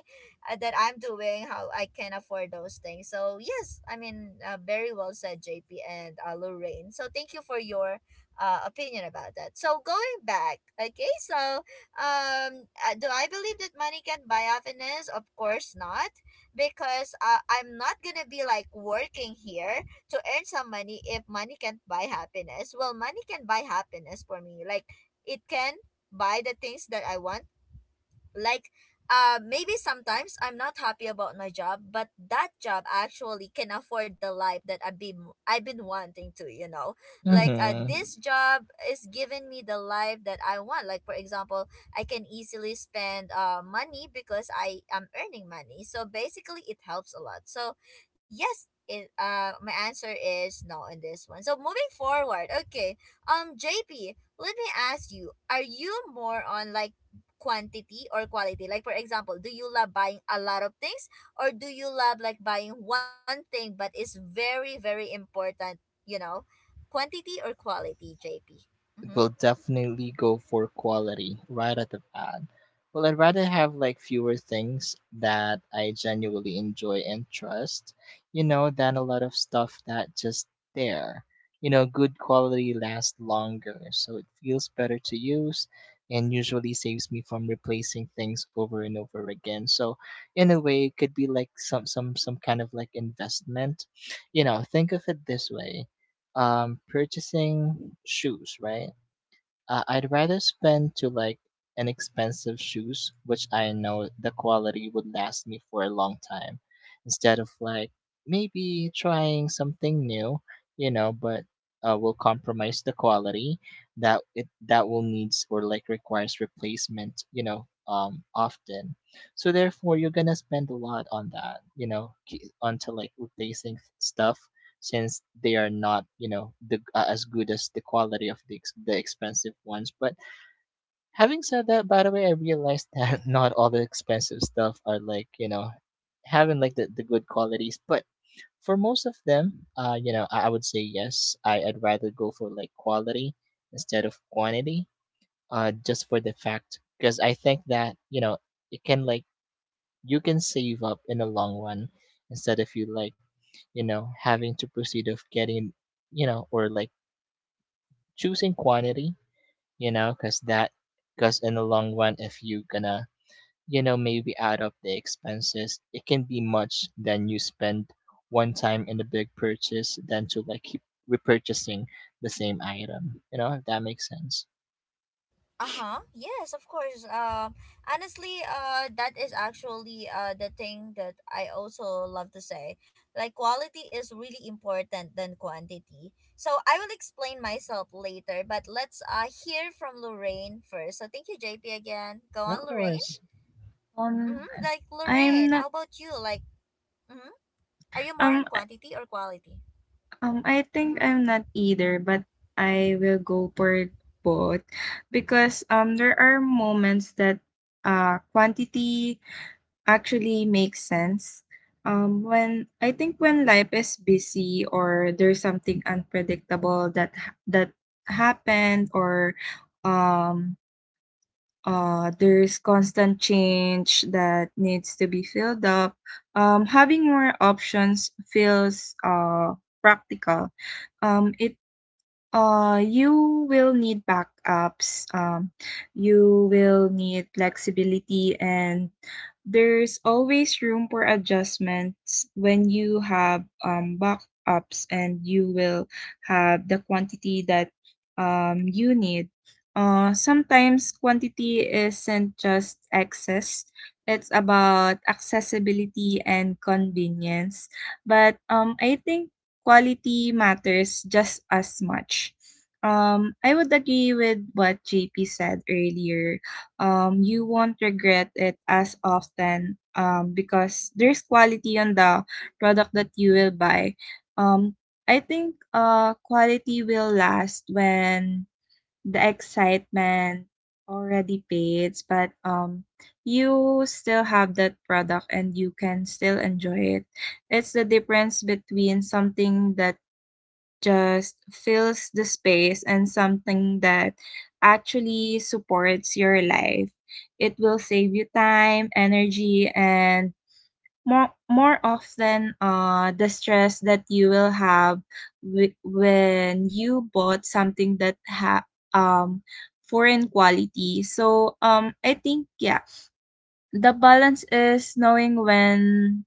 A: that I'm doing, how I can afford those things. So yes, I mean, very well said, JP and Lorraine. So thank you for your opinion about that. So going back, okay, so do I believe that money can buy happiness? Of course not, because I'm not gonna be like working here to earn some money if money can't buy happiness. Well, money can buy happiness for me. Like it can buy the things that I want, like, maybe sometimes I'm not happy about my job, but that job actually can afford the life that I've been wanting to. You know, like
B: Mm-hmm.
A: this job is giving me the life that I want. Like for example, I can easily spend money because I am earning money. So basically, it helps a lot. So yes. My answer is no on this one. So moving forward, okay. JP, let me ask you: are you more on like quantity or quality? Like for example, do you love buying a lot of things, or do you love like buying one thing but it's very very important, you know? Quantity or quality, JP? Mhm.
B: It will definitely go for quality right at the pad. Well, I'd rather have like fewer things that I genuinely enjoy and trust, you know, than a lot of stuff that just there. You know, good quality lasts longer, so it feels better to use and usually saves me from replacing things over and over again. So in a way it could be like some kind of like investment. You know, think of it this way. Purchasing shoes, right? I'd rather spend to like an expensive shoes, which I know the quality would last me for a long time, instead of like maybe trying something new, you know, but will compromise the quality that it that will needs or like requires replacement, you know, often. So therefore, you're gonna spend a lot on that, you know, onto like replacing stuff, since they are not, you know, the as good as the quality of the the expensive ones. But having said that, by the way, I realized [laughs] that not all the expensive stuff are like, you know, having like the good qualities, but for most of them, you know, I would say yes, I'd rather go for like quality instead of quantity, uh, just for the fact because I think that, you know, it can like you can save up in the long run instead of you like, you know, having to proceed of getting, you know, or like choosing quantity, you know, because that because in the long run, if you gonna, you know, maybe add up the expenses, it can be much than you spend one time in a big purchase than to like keep repurchasing the same item, you know, if that makes sense.
A: Uh-huh. Yes, of course. Honestly, that is actually the thing that I also love to say. Like quality is really important than quantity. So I will explain myself later, but let's hear from Lorraine first. So thank you, JP, again. Go on,
B: Of
A: Lorraine.
B: course.
C: Um,
A: Hmm. Like,
C: I'm
A: Lorraine,
C: not,
A: how about you? Like, hmm, are you more
C: um,
A: on quantity or quality?
C: I think
A: Mm-hmm.
C: I'm not either, but I will go for both, because, there are moments that, quantity actually makes sense. When I think when life is busy, or there's something unpredictable that happened, or um there's constant change that needs to be filled up, having more options feels, practical. It You will need backups. You will need flexibility, and there's always room for adjustments when you have, backups, and you will have the quantity that, you need. Sometimes quantity isn't just excess, it's about accessibility and convenience. But, I think quality matters just as much. I would agree with what JP said earlier. You won't regret it as often, because there's quality on the product that you will buy. Um, I think, quality will last when the excitement already fades, but, you still have that product and you can still enjoy it. It's the difference between something that just fills the space and something that actually supports your life. It will save you time, energy, and more often, the stress that you will have, when you bought something that ha um foreign quality. So I think, yeah, the balance is knowing when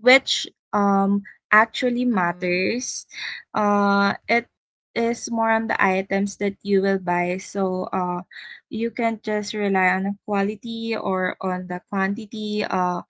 C: which, um actually
A: Mm-hmm.
C: matters. It is more on the items that you will buy. So you can just rely on the quality or on the quantity.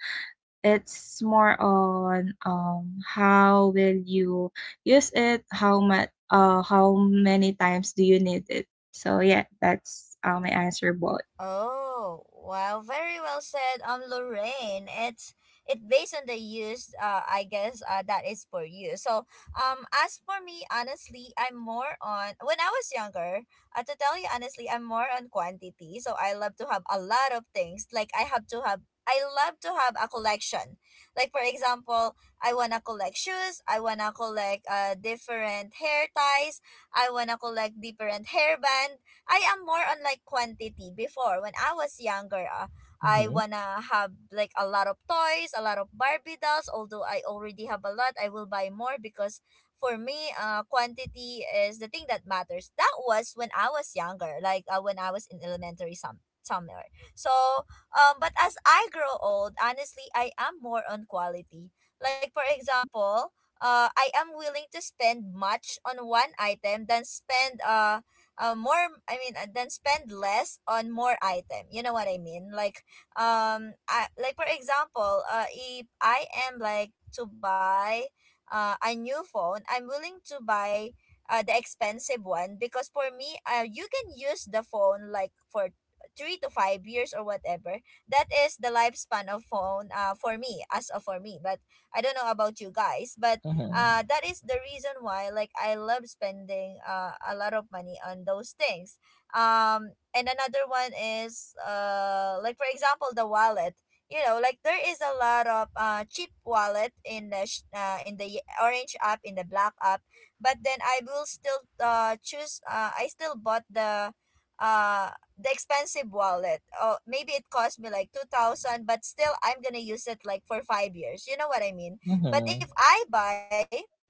C: It's more on, how will you use it, how many times do you need it. So yeah, that's, my answer, both.
A: Oh, wow, very well said, Lorraine. It's it based on the use, I guess, that is for you. So, as for me, honestly, I'm more on when I was younger. To tell you honestly, I'm more on quantity. So I love to have a lot of things. Like I have to have. I love to have a collection. Like for example, I wanna collect shoes. I wanna collect different hair ties. I wanna collect different hairband. I am more on like quantity before when I was younger. I
B: Mm-hmm,
A: wanna have like a lot of toys, a lot of Barbie dolls. Although I already have a lot, I will buy more because for me, quantity is the thing that matters. That was when I was younger, like when I was in elementary somewhere. So, but as I grow old, honestly, I am more on quality. Like for example, I am willing to spend much on one item than spend more I mean then spend less on more item, you know what I mean, like like for example, if I am like to buy a new phone, I'm willing to buy the expensive one because for me, you can use the phone like for 3 to 5 years or whatever, that is the lifespan of phone, for me. But I don't know about you guys, but
B: mm-hmm,
A: that is the reason why like I love spending a lot of money on those things. And another one is, like for example, the wallet. You know, like there is a lot of cheap wallet in the in the orange app, in the black app, but then I will still choose I still bought uh the expensive wallet. Oh, maybe it cost me like 2000, but still I'm gonna use it like for 5 years, you know what I mean. But if
B: mm-hmm.
A: I buy Mhm.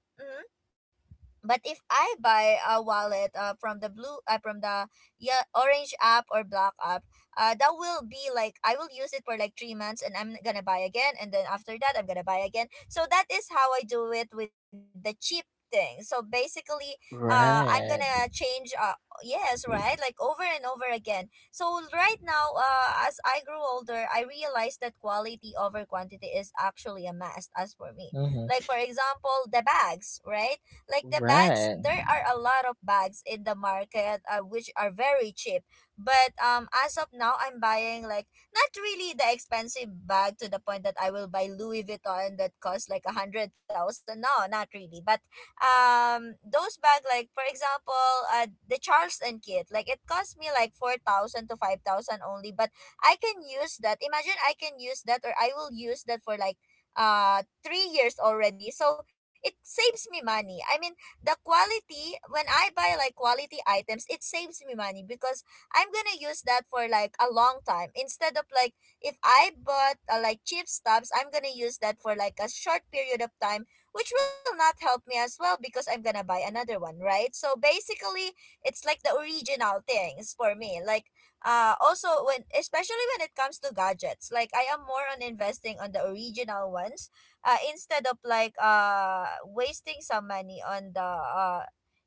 A: But if I buy a wallet from the blue from the yeah, orange app or black app, that will be like I will use it for like 3 months, and I'm gonna buy again, and then after that I'm gonna buy again. So that is how I do it with the cheap thing. So basically, I'm gonna
B: Right.
A: change. Yes, right, like over and over again. So right now, as I grew older, I realized that quality over quantity is actually a must as for me.
B: Mm-hmm.
A: Like for example, the bags, right? Like the bags,
B: Right.
A: there are a lot of bags in the market which are very cheap. But as of now, I'm buying like not really the expensive bag to the point that I will buy Louis Vuitton that costs like 100,000. No, not really. But those bag, like for example, the Charles and Kit, like it cost me like 4,000 to 5,000 only. But I can use that. Imagine I can use that, or I will use that for like 3 years already, so it saves me money. I mean the quality, when I buy like quality items, it saves me money because I'm gonna use that for like a long time instead of like if I bought like cheap stuffs. I'm gonna use that for like a short period of time, which will not help me as well because I'm gonna buy another one, right? So basically it's like the original things for me, like also when, especially when it comes to gadgets, like I am more on investing on the original ones instead of like wasting some money on the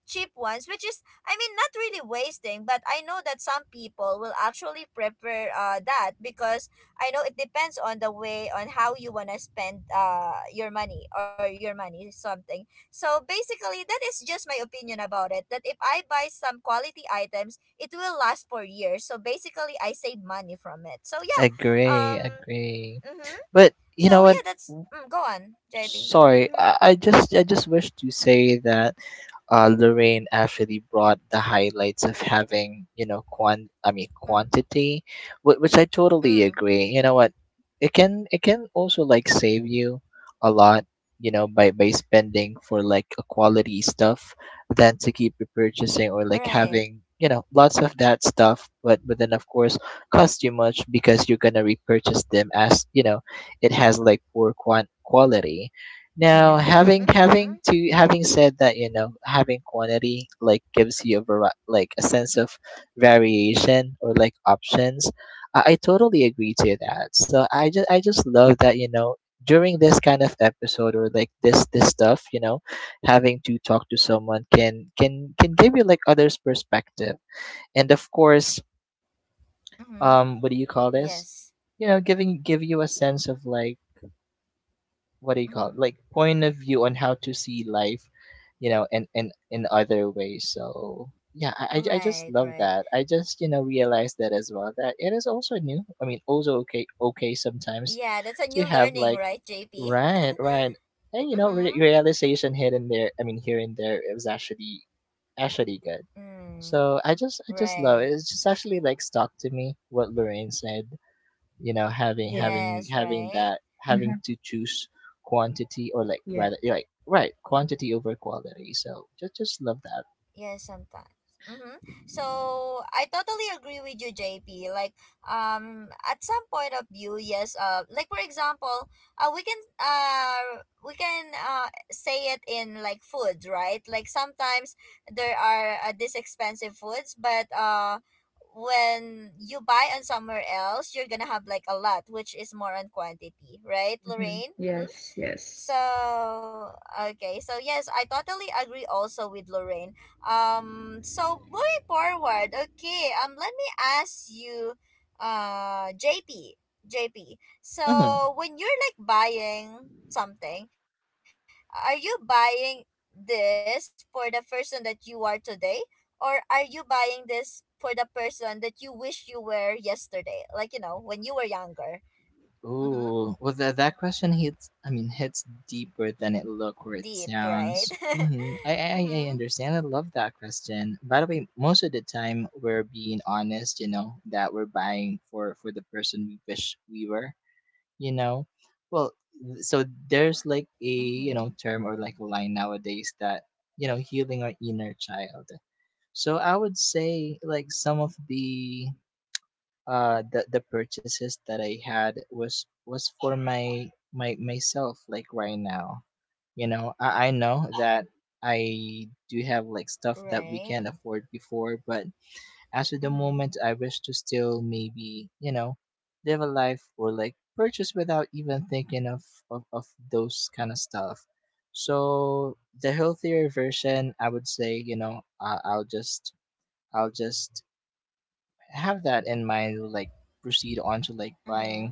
A: cheap ones, which is, I mean, not really wasting, but I know that some people will actually prefer that because I know it depends on the way on how you want to spend your money or your money something. So basically that is just my opinion about it, that if I buy some quality items, it will last for years. So basically, I save money from it. So yeah,
B: Agree,
A: um,
B: agree.
A: mm-hmm.
B: But you know
A: So
B: what?
A: yeah, that's go on, JP.
B: Sorry,
A: Mm-hmm.
B: I just wish to say that, Lorraine actually brought the highlights of having, you know,
A: Mm,
B: quantity, which I totally
A: mm,
B: agree. You know what? It can also like save you a lot, you know, by spending for like a quality stuff than to keep
A: right.
B: repurchasing or like having, you know, lots of that stuff. But then of course cost you much because you're gonna repurchase them as, you know, it has like poor quality now.
C: Yeah.
B: [laughs]
A: Mm-hmm.
B: Having said that, you know, having quantity like gives you a like a sense of variation or like options. I totally agree to that. So I just love that, you know, during this kind of episode or like this stuff, you know, having to talk to someone can give you like others' perspective, and of course,
A: Mm-hmm.
B: what do you call this?
A: Yes.
B: You know, giving give you a sense of like, what do you
A: Mm-hmm.
B: call it, like point of view on how to see life, you know, and in other ways. So yeah, I
A: Right.
B: just love
A: Right.
B: that. I just, you know, realized that as well that it is also new. I mean, also okay, sometimes
A: Yeah, that's a new
B: to have
A: learning,
B: like
A: right, JP? [laughs]
B: right, right. And you know,
A: Mm-hmm.
B: realization here and there. I mean, here and there, it was actually good.
A: Mm,
B: So I just love
A: right.
B: it. It's just actually like stuck to me what Lorraine said, you know, having having
A: Yes.
B: having
A: Right.
B: that having to choose quantity or like rather, yeah, like right, quantity over quality. So just love that.
A: Yeah, sometimes. Mm-hmm. So I totally agree with you, JP. Like, at some point of view, yes. Like for example, we can we can say it in like foods, right? Like sometimes there are these expensive foods, but when you buy on somewhere else, you're gonna have like a lot, which is more on quantity, right,
C: Hmm.
A: Lorraine? Mm-hmm.
C: Yes, yes.
A: So okay, so yes, I totally agree also with Lorraine. So moving forward, okay. Let me ask you, JP, JP.
B: Mm-hmm.
A: So when you're like buying something, are you buying this for the person that you are today, or are you buying this for the person that you wish you were yesterday? Like you know, when you were younger. Mm-hmm.
B: Ooh, well that that question hits, I mean, hits deeper than it look or it
A: Deep, right?
B: sounds. Mm-hmm. I,
A: [laughs]
B: I
A: Mm-hmm.
B: i understand. I love that question, by the way. Most of the time, we're being honest, you know, that we're buying for the person we wish we were, you know. Well, so there's like, a you
A: Mm-hmm.
B: know, term or like a line nowadays that, you know, healing our inner child. So I would say like some of the the purchases that I had was for my myself, like right now. You know, I know that I do have like stuff that we
A: Right.
B: can't afford before, but as of the
A: Mm-hmm.
B: moment, I wish to still maybe, you know, live a life or like purchase without even thinking of, of those kind of stuff. So the healthier version, I would say, you know, I'll just have that in mind, like proceed on to like
A: Mm-hmm.
B: buying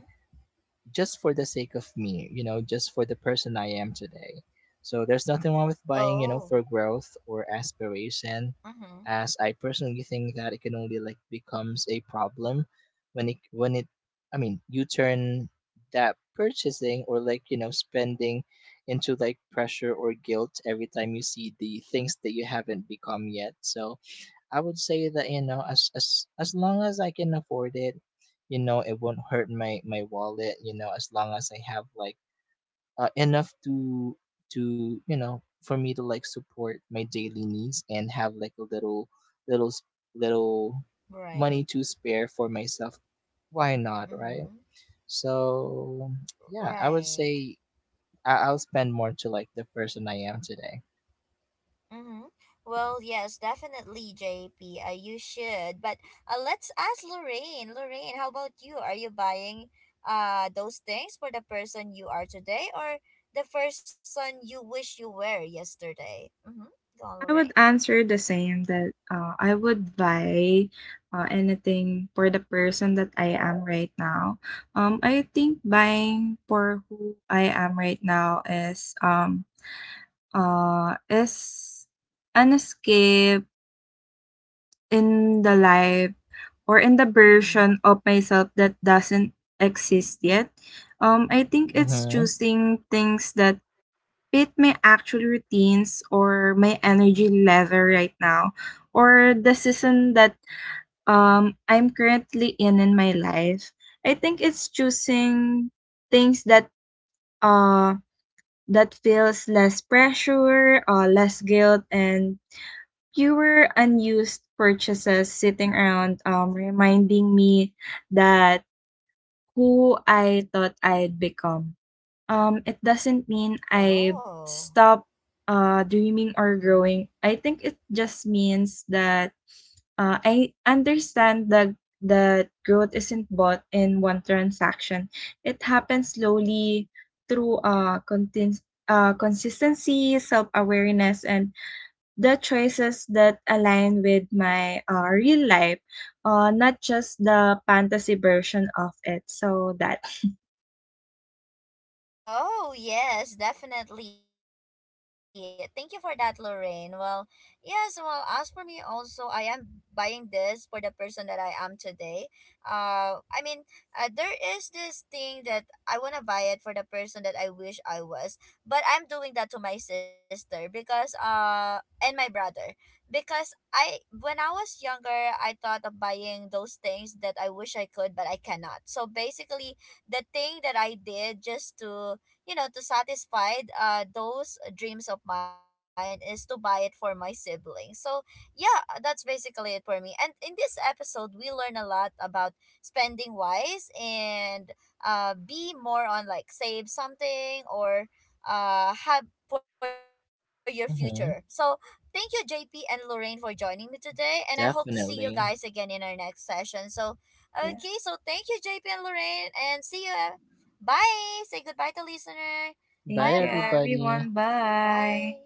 B: just for the sake of me, you know, just for the person I am today. So there's nothing wrong with buying, you know,
A: Oh.
B: for growth or aspiration,
A: Mm-hmm.
B: as I personally think that it can only like becomes a problem when it I mean you turn that purchasing or like, you know, spending into like pressure or guilt every time you see the things that you haven't become yet. So I would say that, you know, as long as I can afford it, you know, it won't hurt my wallet. You know, as long as I have like enough to you know, for me to like support my daily needs and have like a little little s- little money
A: Right.
B: to spare for myself. Why not, right?
A: Mm-hmm.
B: So yeah, I would
A: Right.
B: say I'll spend more to like the person I am today.
A: Mm-hmm. Well, yes, definitely, JP. You should. But let's ask Lorraine. Lorraine, how about you? Are you buying those things for the person you are today or the person you wish you were yesterday? Mm-hmm. Go on,
C: I
A: Lorraine.
C: would answer the same, that, I would buy, anything for the person that I am right now. I think buying for who I am right now is an escape in the life, or in the
A: Mm-hmm.
C: version of myself that doesn't exist yet. I think it's
B: Mm-hmm.
C: choosing things that fit my actual routines, or my energy level right now, or the season that, I'm currently in my life. I think it's choosing things uh that feels less pressure, less guilt, and fewer unused purchases sitting around, reminding me that who I thought I'd become. It doesn't mean I
A: Oh.
C: stop, dreaming or
A: Mm-hmm.
C: growing. I think it just means that, I understand that that growth isn't bought in one transaction. It happens slowly through, consistency, self awareness, and the choices that align with my, real life, not just the fantasy version of it. So that,
A: Oh, yes, definitely. Thank you for that, Lorraine. Well, yes, well, as for me also, I am buying this for the person that I am today. I mean, there is this thing that I want to buy it for the person that I wish I was, but I'm doing that to my sister, because and my brother, because I, when I was younger, I thought of buying those things that I wish I could, but I cannot. So basically, the thing that I did just to, you know, to satisfy those dreams of mine is to buy it for my siblings. So yeah, that's basically it for me. And in this episode, we learn a lot about spending wise and be more on like save something or have for your future. So
B: Mm-hmm.
A: thank you, JP and Lorraine, for joining me today, and I hope to see you guys again in our
B: Definitely.
A: next session. So okay, so
C: yeah.
A: thank you, JP and Lorraine, and see you. Bye. Say goodbye to listener. Bye,
B: Bye,
C: Thank you,
A: everyone.
B: everybody.
C: everyone.
A: Bye.
C: Bye.